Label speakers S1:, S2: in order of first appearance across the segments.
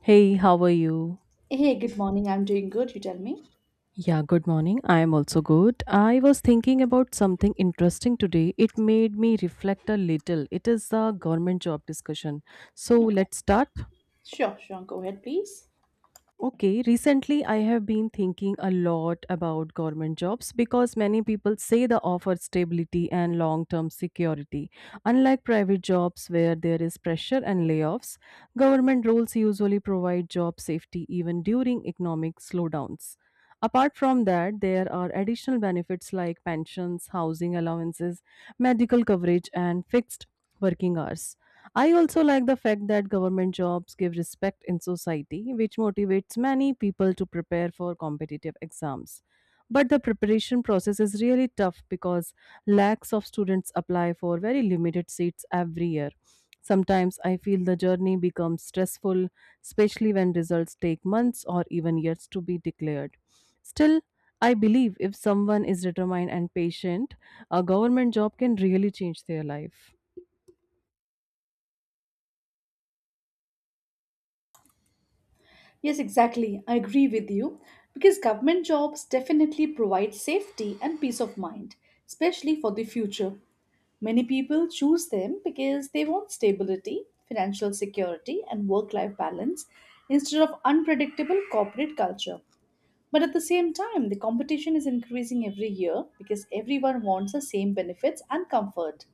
S1: Hey, how are you?
S2: Hey, good morning. I'm doing good. You tell me.
S1: Yeah, good morning. I am also good. I was thinking about something interesting today. It made me reflect a little. It is a government job discussion. So
S2: Okay.
S1: let's start.
S2: Sure. Go ahead, please.
S1: Okay, recently I have been thinking a lot about government jobs because many people say they offer stability and long term security. Unlike private jobs where there is pressure and layoffs, government roles usually provide job safety even during economic slowdowns. Apart from that, there are additional benefits like pensions, housing allowances, medical coverage, and fixed working hours. I also like the fact that government jobs give respect in society, which motivates many people to prepare for competitive exams. But the preparation process is really tough because lakhs of students apply for very limited seats every year. Sometimes I feel the journey becomes stressful, especially when results take months or even years to be declared. Still, I believe if someone is determined and patient, a government job can really change their life.
S2: Yes, exactly. I agree with you because government jobs definitely provide safety and peace of mind, especially for the future. Many people choose them because they want stability, financial security, and work life balance instead of unpredictable corporate culture. But at the same time, the competition is increasing every year because everyone wants the same benefits and comfort.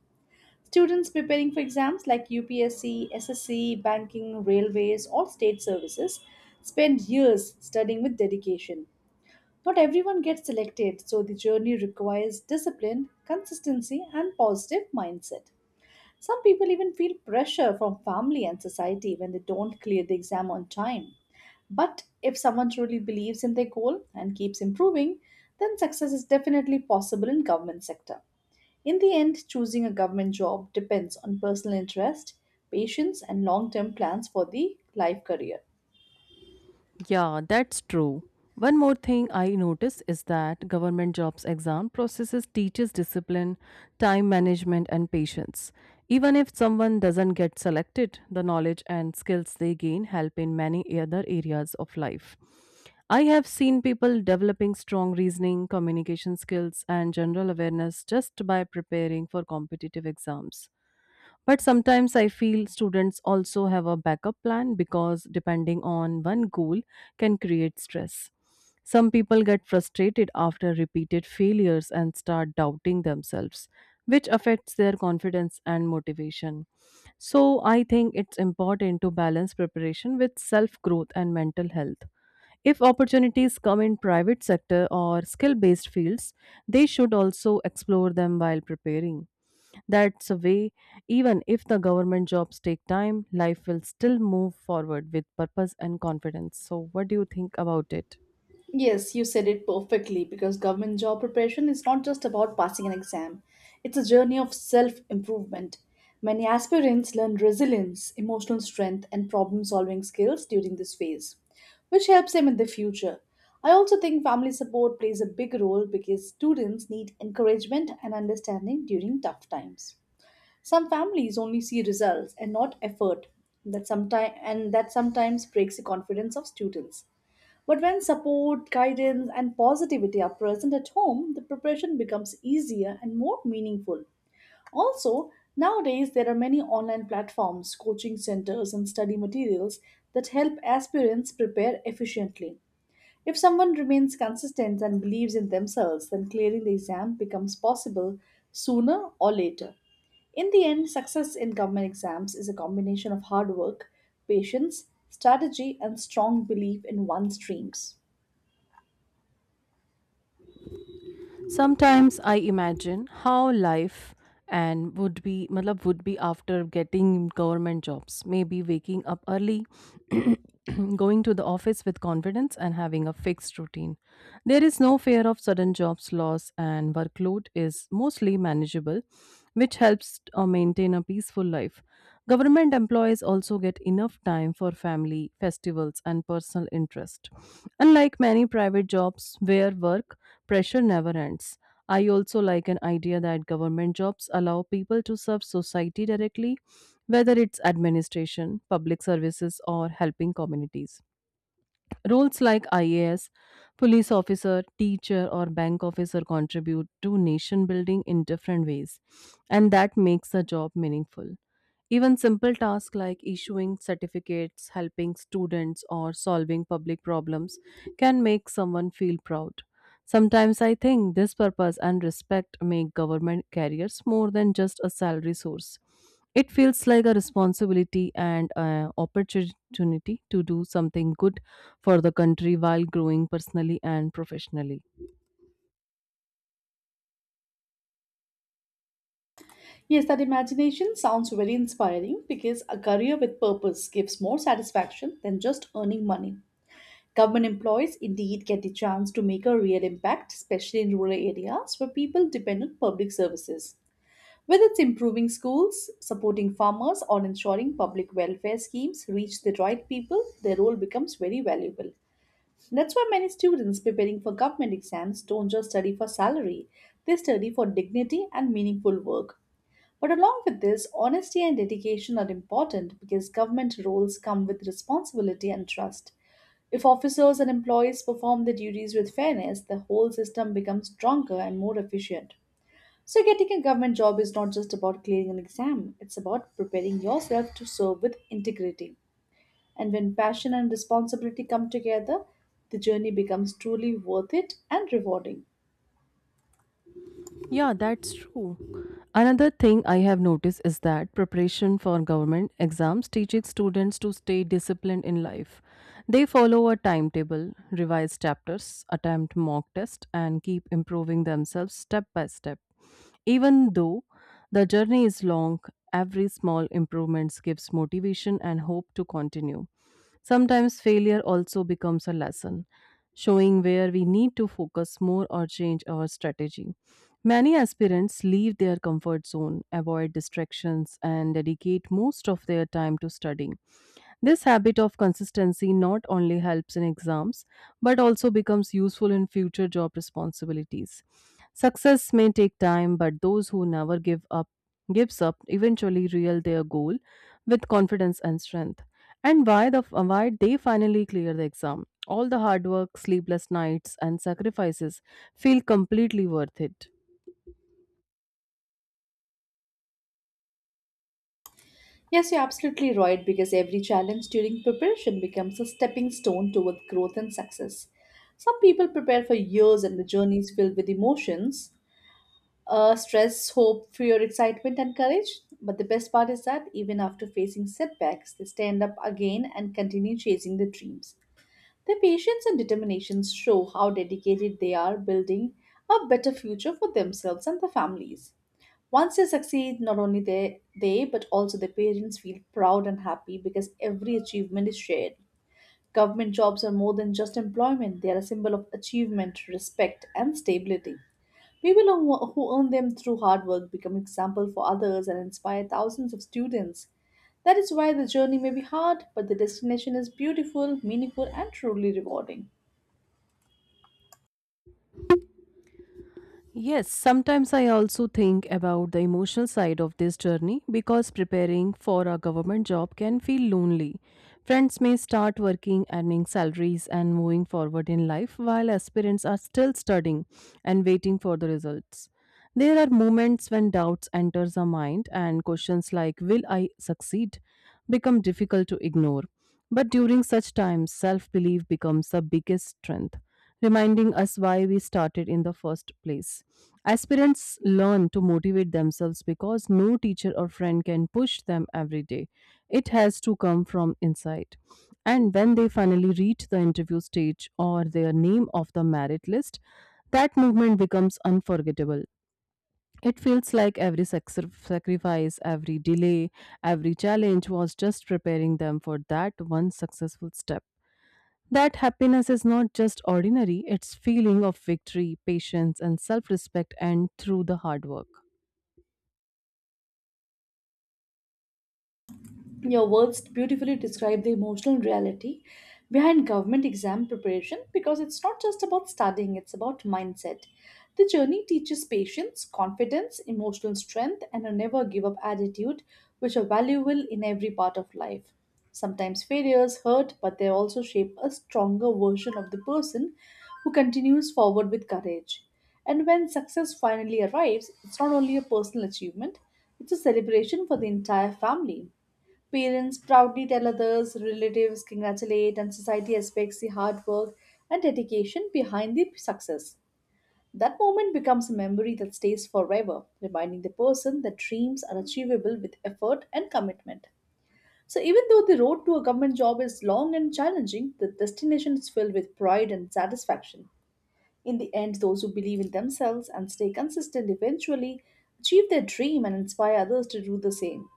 S2: Students preparing for exams like UPSC, SSC, banking, railways, or state services spend years studying with dedication. Not everyone gets selected, so the journey requires discipline, consistency, and positive mindset. Some people even feel pressure from family and society when they don't clear the exam on time. But if someone truly believes in their goal and keeps improving, then success is definitely possible in government sector. In the end, choosing a government job depends on personal interest, patience, and long term plans for the life career.
S1: Yeah, that's true. One more thing I notice is that government jobs exam processes teaches discipline, time management and patience. Even if someone doesn't get selected, the knowledge and skills they gain help in many other areas of life. I have seen people developing strong reasoning, communication skills and general awareness just by preparing for competitive exams. But sometimes I feel students also have a backup plan because depending on one goal can create stress. Some people get frustrated after repeated failures and start doubting themselves, which affects their confidence and motivation. So, I think it's important to balance preparation with self growth and mental health. If opportunities come in private sector or skill based fields, they should also explore them while preparing. That's a way, even if the government jobs take time, life will still move forward with purpose and confidence. So, what do you think about it?
S2: Yes, you said it perfectly because government job preparation is not just about passing an exam. It's a journey of self improvement. Many aspirants learn resilience, emotional strength, and problem solving skills during this phase, which helps them in the future. I also think family support plays a big role because students need encouragement and understanding during tough times. Some families only see results and not effort, and that sometimes breaks the confidence of students. But when support, guidance, and positivity are present at home, the preparation becomes easier and more meaningful. Also, nowadays there are many online platforms, coaching centers, and study materials that help aspirants prepare efficiently. If someone remains consistent and believes in themselves, then clearing the exam becomes possible sooner or later. In the end, success in government exams is a combination of hard work, patience, strategy, and strong belief in one's dreams.
S1: Sometimes I imagine how life and would be matlab would be after getting government jobs, maybe waking up early, going to the office with confidence and having a fixed routine. There is no fear of sudden jobs loss and workload is mostly manageable, which helps maintain a peaceful life. Government employees also get enough time for family, festivals, and personal interest. Unlike many private jobs where work pressure never ends, I also like an idea that government jobs allow people to serve society directly, whether it's administration, public services, or helping communities. Roles like IAS, police officer, teacher, or bank officer contribute to nation building in different ways, and that makes the job meaningful. Even simple tasks like issuing certificates, helping students, or solving public problems can make someone feel proud. Sometimes I think this purpose and respect make government careers more than just a salary source. It feels like a responsibility and an opportunity to do something good for the country while growing personally and professionally.
S2: Yes, that imagination sounds very inspiring because a career with purpose gives more satisfaction than just earning money. Government employees indeed get the chance to make a real impact, especially in rural areas where people depend on public services. Whether it's improving schools, supporting farmers, or ensuring public welfare schemes reach the right people, their role becomes very valuable. That's why many students preparing for government exams don't just study for salary, they study for dignity and meaningful work. But along with this, honesty and dedication are important because government roles come with responsibility and trust. If officers and employees perform their duties with fairness, the whole system becomes stronger and more efficient. So, getting a government job is not just about clearing an exam, it's about preparing yourself to serve with integrity. And when passion and responsibility come together, the journey becomes truly worth it and rewarding.
S1: Yeah, that's true. Another thing I have noticed is that preparation for government exams teaches students to stay disciplined in life. They follow a timetable, revise chapters, attempt mock tests, and keep improving themselves step by step. Even though the journey is long, every small improvement gives motivation and hope to continue. Sometimes failure also becomes a lesson, showing where we need to focus more or change our strategy. Many aspirants leave their comfort zone, avoid distractions, and dedicate most of their time to studying. This habit of consistency not only helps in exams but also becomes useful in future job responsibilities. Success may take time, but those who never give up eventually real their goal with confidence and strength. And why they finally clear the exam? All the hard work, sleepless nights, and sacrifices feel completely worth it.
S2: Yes, you're absolutely right because every challenge during preparation becomes a stepping stone towards growth and success. Some people prepare for years and the journey is filled with emotions, stress, hope, fear, excitement, and courage. But the best part is that even after facing setbacks, they stand up again and continue chasing their dreams. Their patience and determination show how dedicated they are building a better future for themselves and their families. Once they succeed, not only they but also their parents feel proud and happy because every achievement is shared. Government jobs are more than just employment, they are a symbol of achievement, respect, and stability. People who earn them through hard work become example for others and inspire thousands of students. That is why the journey may be hard, but the destination is beautiful, meaningful, and truly rewarding.
S1: Yes, sometimes I also think about the emotional side of this journey because preparing for a government job can feel lonely. Friends may start working, earning salaries, and moving forward in life while aspirants are still studying and waiting for the results. There are moments when doubts enters our mind and questions like will I succeed become difficult to ignore. But during such times, self-belief becomes the biggest strength, reminding us why we started in the first place. Aspirants learn to motivate themselves because no teacher or friend can push them every day. It has to come from inside. And when they finally reach the interview stage or their name of the merit list, that movement becomes unforgettable. It feels like every sacrifice, every delay, every challenge was just preparing them for that one successful step. That happiness is not just ordinary, it's feeling of victory, patience and self-respect and through the hard work.
S2: Your words beautifully describe the emotional reality behind government exam preparation because it's not just about studying, it's about mindset. The journey teaches patience, confidence, emotional strength, and a never give up attitude, which are valuable in every part of life. Sometimes failures hurt, but they also shape a stronger version of the person who continues forward with courage. And when success finally arrives, it's not only a personal achievement, it's a celebration for the entire family. Parents proudly tell others, relatives congratulate, and society expects the hard work and dedication behind the success. That moment becomes a memory that stays forever, reminding the person that dreams are achievable with effort and commitment. So, even though the road to a government job is long and challenging, the destination is filled with pride and satisfaction. In the end, those who believe in themselves and stay consistent eventually achieve their dream and inspire others to do the same.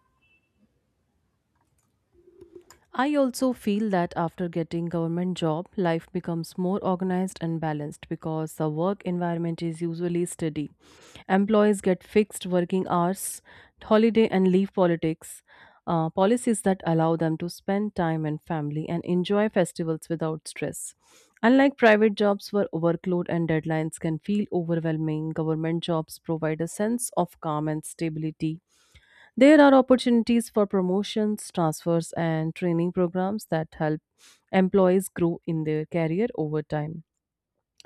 S1: I also feel that after getting government job, life becomes more organized and balanced because the work environment is usually steady. Employees get fixed working hours, holiday and leave politics, policies that allow them to spend time and family and enjoy festivals without stress. Unlike private jobs where workload and deadlines can feel overwhelming, government jobs provide a sense of calm and stability. There are opportunities for promotions, transfers, and training programs that help employees grow in their career over time.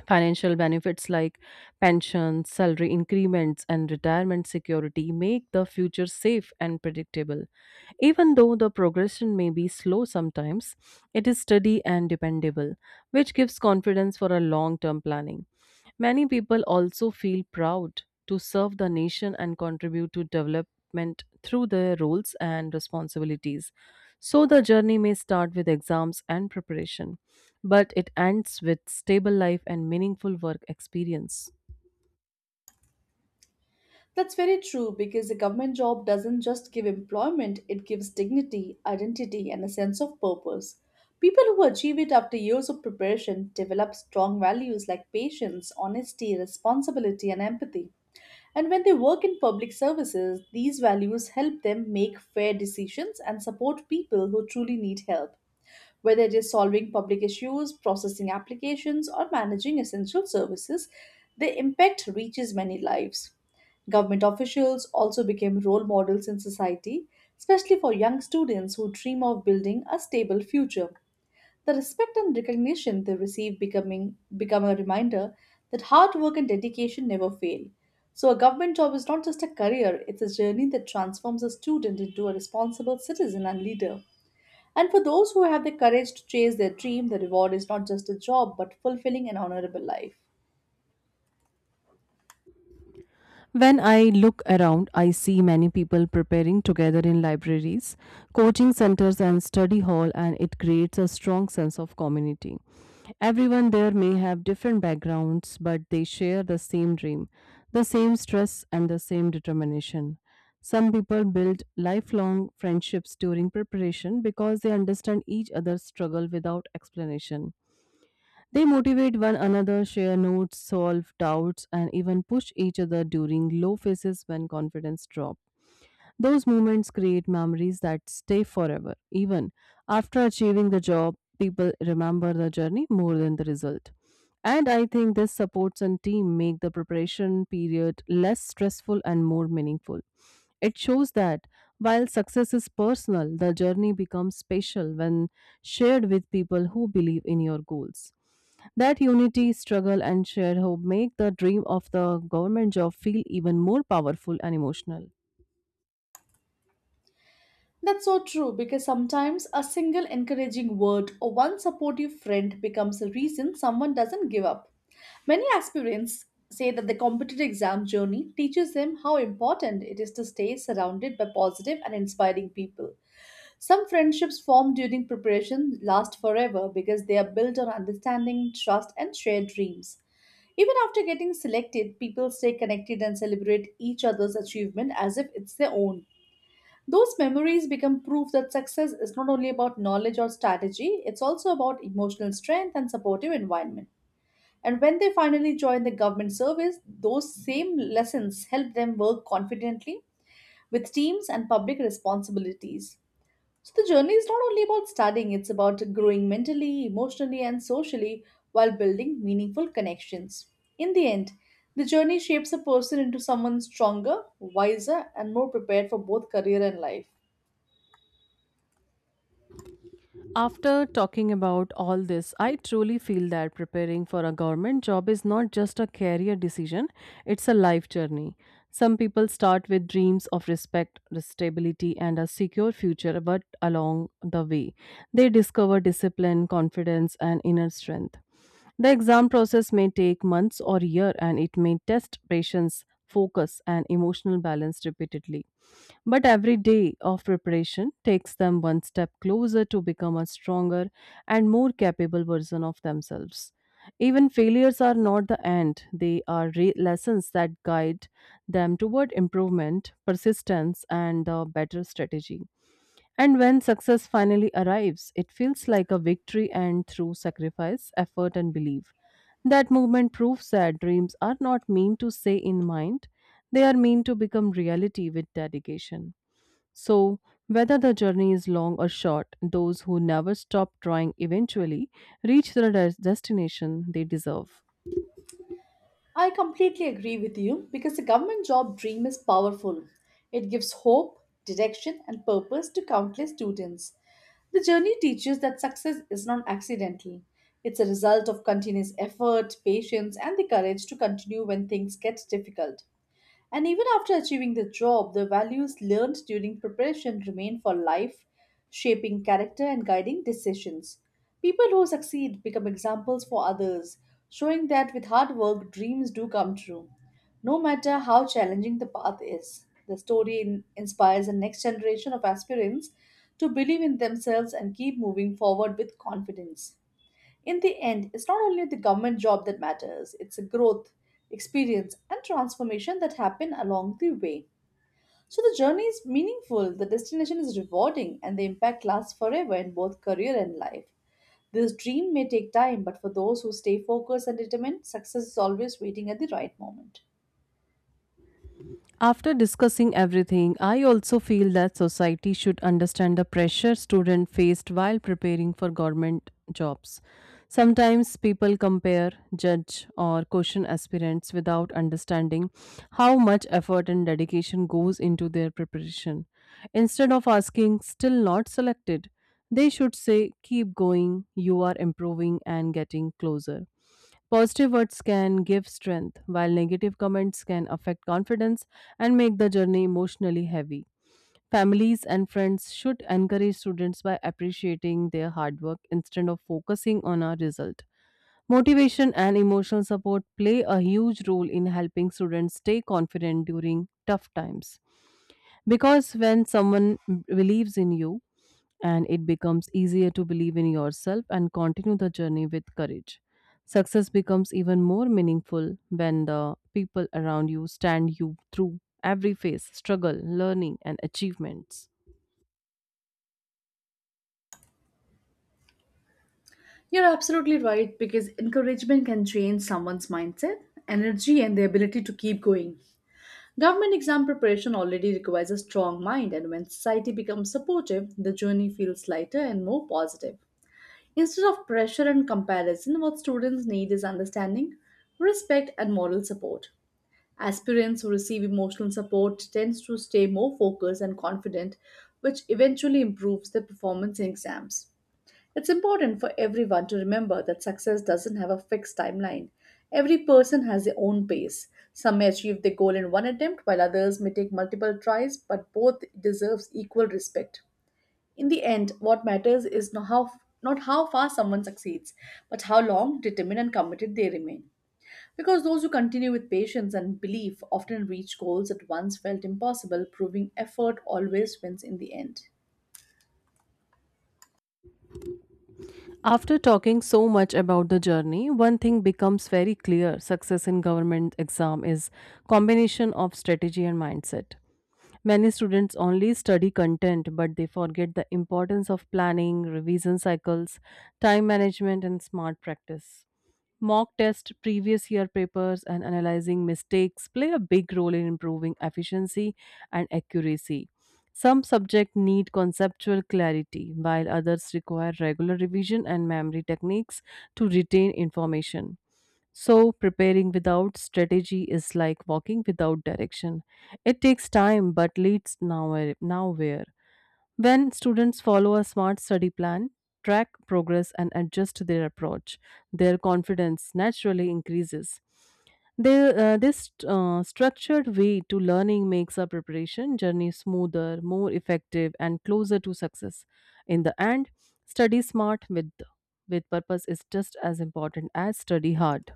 S1: Financial benefits like pensions, salary increments, and retirement security make the future safe and predictable. Even though the progression may be slow sometimes, it is steady and dependable, which gives confidence for a long term planning. Many people also feel proud to serve the nation and contribute to development through their roles and responsibilities. So the journey may start with exams and preparation but it ends with stable life and meaningful work experience.
S2: That's very true because a government job doesn't just give employment, it gives dignity, identity, and a sense of purpose. People who achieve it after years of preparation develop strong values like patience, honesty, responsibility, and empathy. And when they work in public services, these values help them make fair decisions and support people who truly need help. Whether it is solving public issues, processing applications, or managing essential services, their impact reaches many lives. Government officials also became role models in society, especially for young students who dream of building a stable future. The respect and recognition they receive becoming become a reminder that hard work and dedication never fail. So a government job is not just a career, it's a journey that transforms a student into a responsible citizen and leader. And for those who have the courage to chase their dream, the reward is not just a job, but fulfilling and honorable life.
S1: When I look around, I see many people preparing together in libraries, coaching centers, and study hall, and it creates a strong sense of community. Everyone there may have different backgrounds, but they share the same dream, the same stress, and the same determination. Some people build lifelong friendships during preparation because they understand each other's struggle without explanation. They motivate one another, share notes, solve doubts, and even push each other during low phases when confidence drops. Those moments create memories that stay forever. Even after achieving the job, people remember the journey more than the result. And I think this supports and team make the preparation period less stressful and more meaningful. It shows that while success is personal, the journey becomes special when shared with people who believe in your goals. That unity, struggle, and shared hope make the dream of the government job feel even more powerful and emotional.
S2: That's so true because sometimes a single encouraging word or one supportive friend becomes a reason someone doesn't give up. Many aspirants say that the competitive exam journey teaches them how important it is to stay surrounded by positive and inspiring people. Some friendships formed during preparation last forever because they are built on understanding, trust, and shared dreams. Even after getting selected, people stay connected and celebrate each other's achievement as if it's their own. Those memories become proof that success is not only about knowledge or strategy, it's also about emotional strength and supportive environment. And when they finally join the government service, those same lessons help them work confidently with teams and public responsibilities. So the journey is not only about studying, it's about growing mentally, emotionally, and socially while building meaningful connections. In the end, the journey shapes a person into someone stronger, wiser, and more prepared for both career and life.
S1: After talking about all this, I truly feel that preparing for a government job is not just a career decision, it's a life journey. Some people start with dreams of respect, stability, and a secure future, but along the way, they discover discipline, confidence, and inner strength. The exam process may take months or year and it may test patience, focus, and emotional balance repeatedly. But every day of preparation takes them one step closer to become a stronger and more capable version of themselves. Even failures are not the end, they are lessons that guide them toward improvement, persistence, and a better strategy. And when success finally arrives, it feels like a victory and through sacrifice, effort, and belief. That movement proves that dreams are not meant to stay in mind, they are meant to become reality with dedication. So, whether the journey is long or short, those who never stop trying eventually reach the destination they deserve.
S2: I completely agree with you because the government job dream is powerful. It gives hope, direction, and purpose to countless students. The journey teaches that success is not accidental. It's a result of continuous effort, patience, and the courage to continue when things get difficult. And even after achieving the job, the values learned during preparation remain for life, shaping character and guiding decisions. People who succeed become examples for others, showing that with hard work, dreams do come true. No matter how challenging the path is, the story inspires the next generation of aspirants to believe in themselves and keep moving forward with confidence. In the end, it's not only the government job that matters, it's a growth, experience, and transformation that happen along the way. So the journey is meaningful, the destination is rewarding, and the impact lasts forever in both career and life. This dream may take time, but for those who stay focused and determined, success is always waiting at the right moment.
S1: After discussing everything, I also feel that society should understand the pressure students faced while preparing for government jobs. Sometimes people compare, judge, or question aspirants without understanding how much effort and dedication goes into their preparation. Instead of asking, still not selected, they should say, keep going, you are improving and getting closer. Positive words can give strength, while negative comments can affect confidence and make the journey emotionally heavy. Families and friends should encourage students by appreciating their hard work instead of focusing on a result. Motivation and emotional support play a huge role in helping students stay confident during tough times. Because when someone believes in you, and it becomes easier to believe in yourself and continue the journey with courage. Success becomes even more meaningful when the people around you stand you through every phase, struggle, learning, and achievements.
S2: You're absolutely right because encouragement can change someone's mindset, energy, and the ability to keep going. Government exam preparation already requires a strong mind, and when society becomes supportive, the journey feels lighter and more positive. Instead of pressure and comparison, what students need is understanding, respect, and moral support. Aspirants who receive emotional support tends to stay more focused and confident, which eventually improves their performance in exams. It's important for everyone to remember that success doesn't have a fixed timeline. Every person has their own pace. Some may achieve their goal in one attempt, while others may take multiple tries, but both deserves equal respect. In the end, what matters is not how fast someone succeeds, but how long, determined, and committed they remain. Because those who continue with patience and belief often reach goals that once felt impossible, proving effort always wins in the end.
S1: After talking so much about the journey, one thing becomes very clear: success in government exam is combination of strategy and mindset. Many students only study content, but they forget the importance of planning, revision cycles, time management, and smart practice. Mock test, previous year papers, and analyzing mistakes play a big role in improving efficiency and accuracy. Some subjects need conceptual clarity, while others require regular revision and memory techniques to retain information. So, preparing without strategy is like walking without direction. It takes time but leads nowhere. When students follow a smart study plan, track progress, and adjust their approach, their confidence naturally increases. This structured way to learning makes our preparation journey smoother, more effective, and closer to success. In the end, study smart with purpose is just as important as study hard.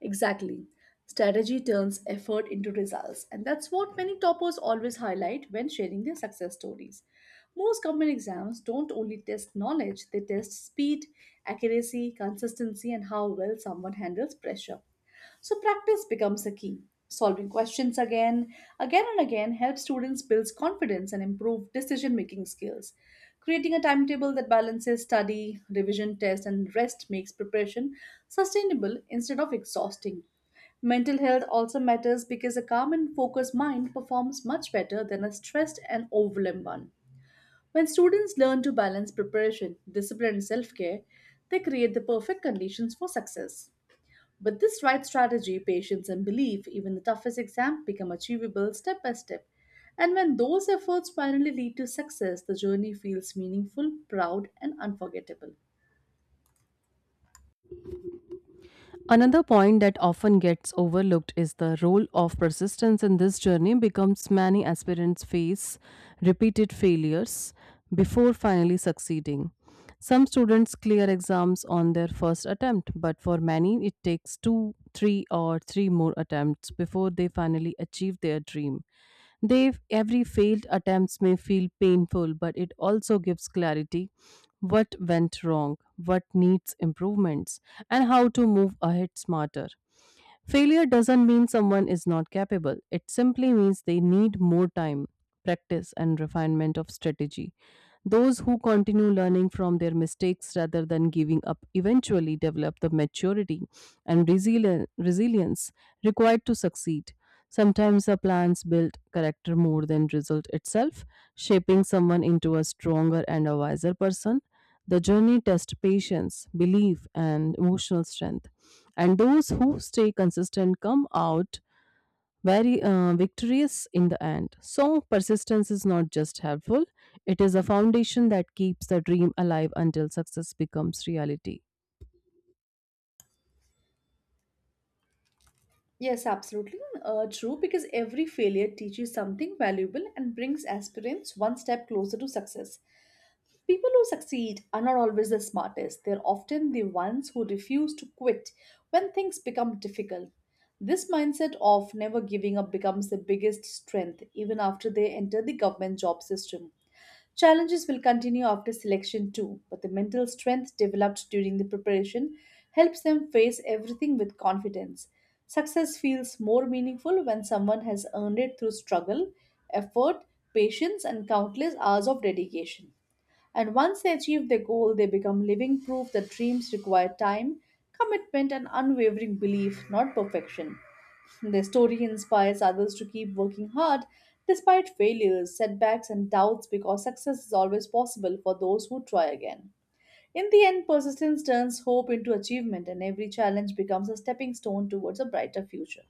S2: Exactly. Strategy turns effort into results, and that's what many toppers always highlight when sharing their success stories. Most government exams don't only test knowledge, they test speed, accuracy, consistency, and how well someone handles pressure. So practice becomes a key. Solving questions again and again helps students build confidence and improve decision making skills. Creating a timetable that balances study, revision, test, and rest makes preparation sustainable instead of exhausting. Mental health also matters because a calm and focused mind performs much better than a stressed and overwhelmed one. When students learn to balance preparation, discipline, and self care, they create the perfect conditions for success. With this right strategy, patience, and belief, even the toughest exams become achievable step by step. And when those efforts finally lead to success, the journey feels meaningful, proud, and unforgettable.
S1: Another point that often gets overlooked is the role of persistence in this journey becomes many aspirants face repeated failures before finally succeeding. Some students clear exams on their first attempt, but for many it takes two, three, or three more attempts before they finally achieve their dream. Every failed attempts may feel painful, but it also gives clarity what went wrong, what needs improvements, and how to move ahead smarter. Failure doesn't mean someone is not capable, it simply means they need more time, practice, and refinement of strategy. Those who continue learning from their mistakes rather than giving up eventually develop the maturity and resilience required to succeed. Sometimes the plans build character more than result itself, shaping someone into a stronger and a wiser person the journey tests patience, belief, and emotional strength. And those who stay consistent come out very victorious in the end. So, persistence is not just helpful, it is a foundation that keeps the dream alive until success becomes reality.
S2: Yes, absolutely true, because every failure teaches something valuable and brings aspirants one step closer to success. People who succeed are not always the smartest, they're often the ones who refuse to quit when things become difficult. This mindset of never giving up becomes their biggest strength even after they enter the government job system. Challenges will continue after selection too, but the mental strength developed during the preparation helps them face everything with confidence. Success feels more meaningful when someone has earned it through struggle, effort, patience, and countless hours of dedication. And once they achieve their goal, they become living proof that dreams require time, commitment, and unwavering belief, not perfection. Their story inspires others to keep working hard despite failures, setbacks, and doubts because success is always possible for those who try again. In the end, persistence turns hope into achievement, and every challenge becomes a stepping stone towards a brighter future.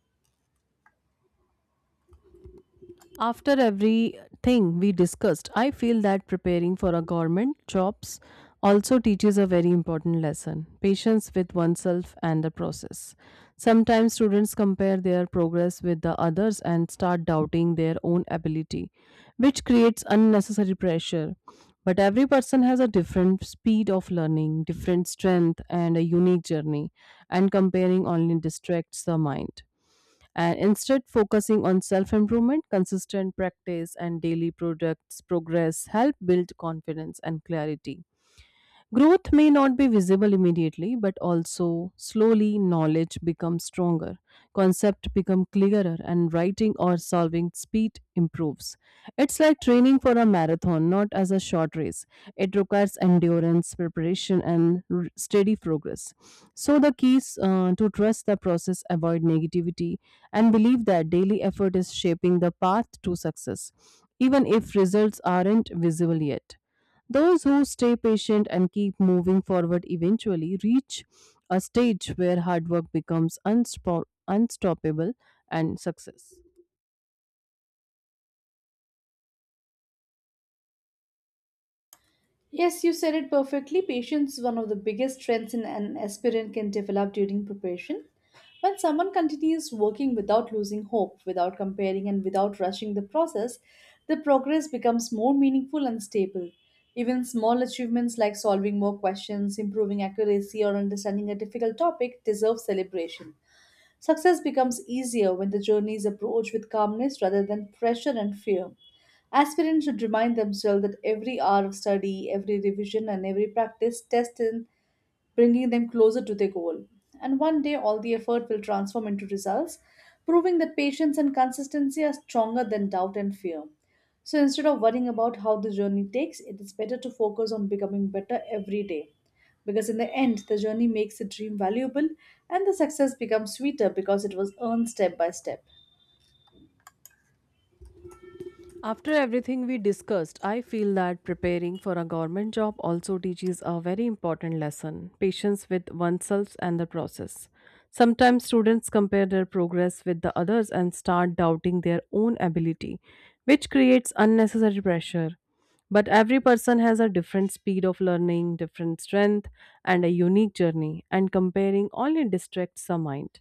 S1: After everything we discussed, I feel that preparing for a government jobs also teaches a very important lesson patience with oneself and the process. Sometimes students compare their progress with the others and start doubting their own ability, which creates unnecessary pressure. But every person has a different speed of learning, different strength, and a unique journey, and comparing only distracts the mind and instead focusing on self improvement consistent practice and daily products progress help build confidence and clarity. Growth may not be visible immediately, but also slowly knowledge becomes stronger, concept become clearer, and writing or solving speed improves. It's like training for a marathon, not as a short race. It requires endurance, preparation, and steady progress. So the keys to trust the process, avoid negativity, and believe that daily effort is shaping the path to success, even if results aren't visible yet. Those who stay patient and keep moving forward eventually reach a stage where hard work becomes unstoppable and success.
S2: Yes, you said it perfectly. Patience is one of the biggest strengths in an aspirant can develop during preparation. When someone continues working without losing hope, without comparing, and without rushing the process, the progress becomes more meaningful and stable. Even small achievements like solving more questions, improving accuracy, or understanding a difficult topic deserve celebration. Success becomes easier when the journey is approached with calmness rather than pressure and fear. Aspirants should remind themselves that every hour of study, every revision, and every practice test in bringing them closer to their goal. And one day, all the effort will transform into results, proving that patience and consistency are stronger than doubt and fear. So instead of worrying about how the journey takes, it is better to focus on becoming better every day. Because in the end, the journey makes the dream valuable and the success becomes sweeter because it was earned step by step.
S1: After everything we discussed, I feel that preparing for a government job also teaches a very important lesson patience with oneself and the process. Sometimes students compare their progress with the others and start doubting their own ability, which creates unnecessary pressure. But every person has a different speed of learning, different strength, and a unique journey, and comparing only distracts the mind.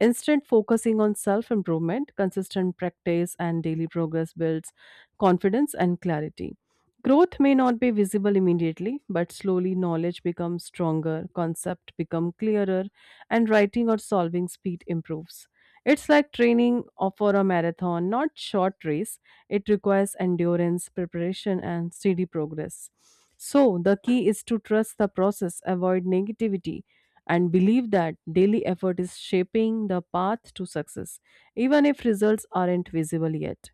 S1: Instead, focusing on self improvement, consistent practice, and daily progress builds confidence and clarity. Growth may not be visible immediately, but slowly knowledge becomes stronger, concept become clearer, and writing or solving speed improves. It's like training for a marathon, not short race. It requires endurance, preparation, and steady progress. So the key is to trust the process, avoid negativity, and believe that daily effort is shaping the path to success, even if results aren't visible yet.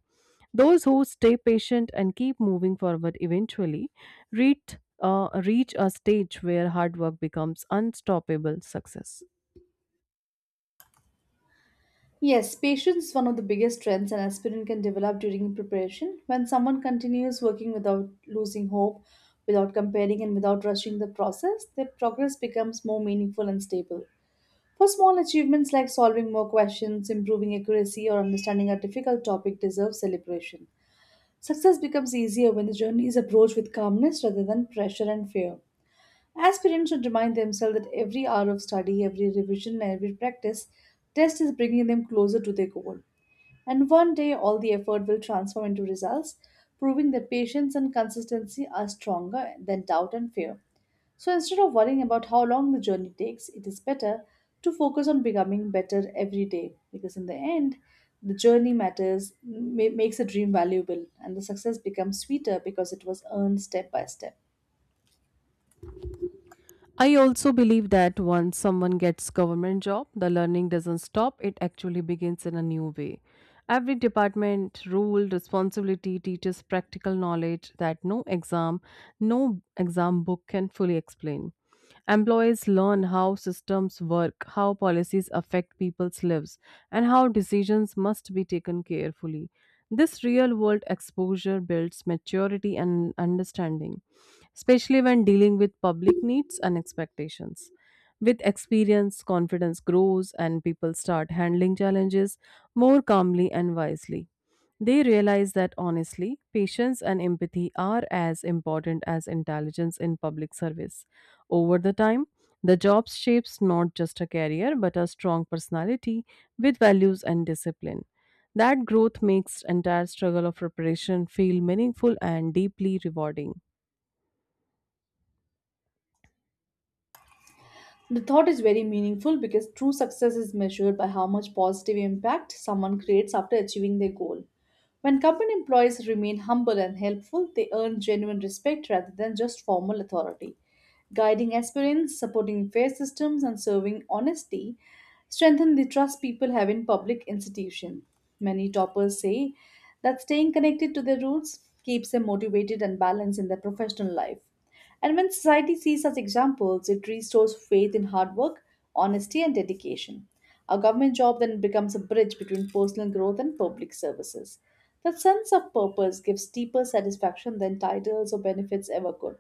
S1: Those who stay patient and keep moving forward eventually reach a stage where hard work becomes unstoppable success.
S2: Yes, patience is one of the biggest strengths an aspirant can develop during preparation. When someone continues working without losing hope, without comparing, and without rushing the process, their progress becomes more meaningful and stable. For small achievements like solving more questions, improving accuracy, or understanding a difficult topic deserve celebration. Success becomes easier when the journey is approached with calmness rather than pressure and fear. Aspirants should remind themselves that every hour of study, every revision, and every practice test is bringing them closer to their goal. And one day, all the effort will transform into results, proving that patience and consistency are stronger than doubt and fear. So instead of worrying about how long the journey takes, it is better to focus on becoming better every day because in the end, the journey matters, makes a dream valuable, and the success becomes sweeter because it was earned step by step.
S1: I also believe that once someone gets government job, the learning doesn't stop, it actually begins in a new way. Every department, rule, responsibility teaches practical knowledge that no exam book can fully explain. Employees learn how systems work, how policies affect people's lives, and how decisions must be taken carefully. This real world exposure builds maturity and understanding, especially when dealing with public needs and expectations. With experience, confidence grows, and people start handling challenges more calmly and wisely. They realize that honestly, patience and empathy are as important as intelligence in public service. Over the time, the job shapes not just a career but a strong personality with values and discipline. That growth makes entire struggle of preparation feel meaningful and deeply rewarding.
S2: The thought is very meaningful because true success is measured by how much positive impact someone creates after achieving their goal. When company employees remain humble and helpful, they earn genuine respect rather than just formal authority. Guiding aspirants, supporting fair systems, and serving honesty strengthen the trust people have in public institutions. Many toppers say that staying connected to their roots keeps them motivated and balanced in their professional life. And when society sees such examples, it restores faith in hard work, honesty, and dedication. A government job then becomes a bridge between personal growth and public services. That sense of purpose gives deeper satisfaction than titles or benefits ever could.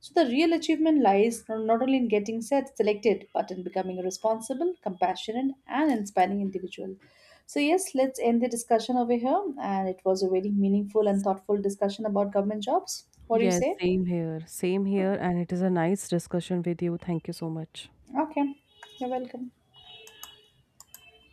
S2: So, the real achievement lies not only in getting set, selected, but in becoming a responsible, compassionate, and inspiring individual. So, yes, let's end the discussion over here. And it was a very meaningful and thoughtful discussion about government jobs. What do you
S1: Yes,
S2: say?
S1: same here. Same here and it is a nice discussion with you. Thank you so much.
S2: Okay, you're welcome.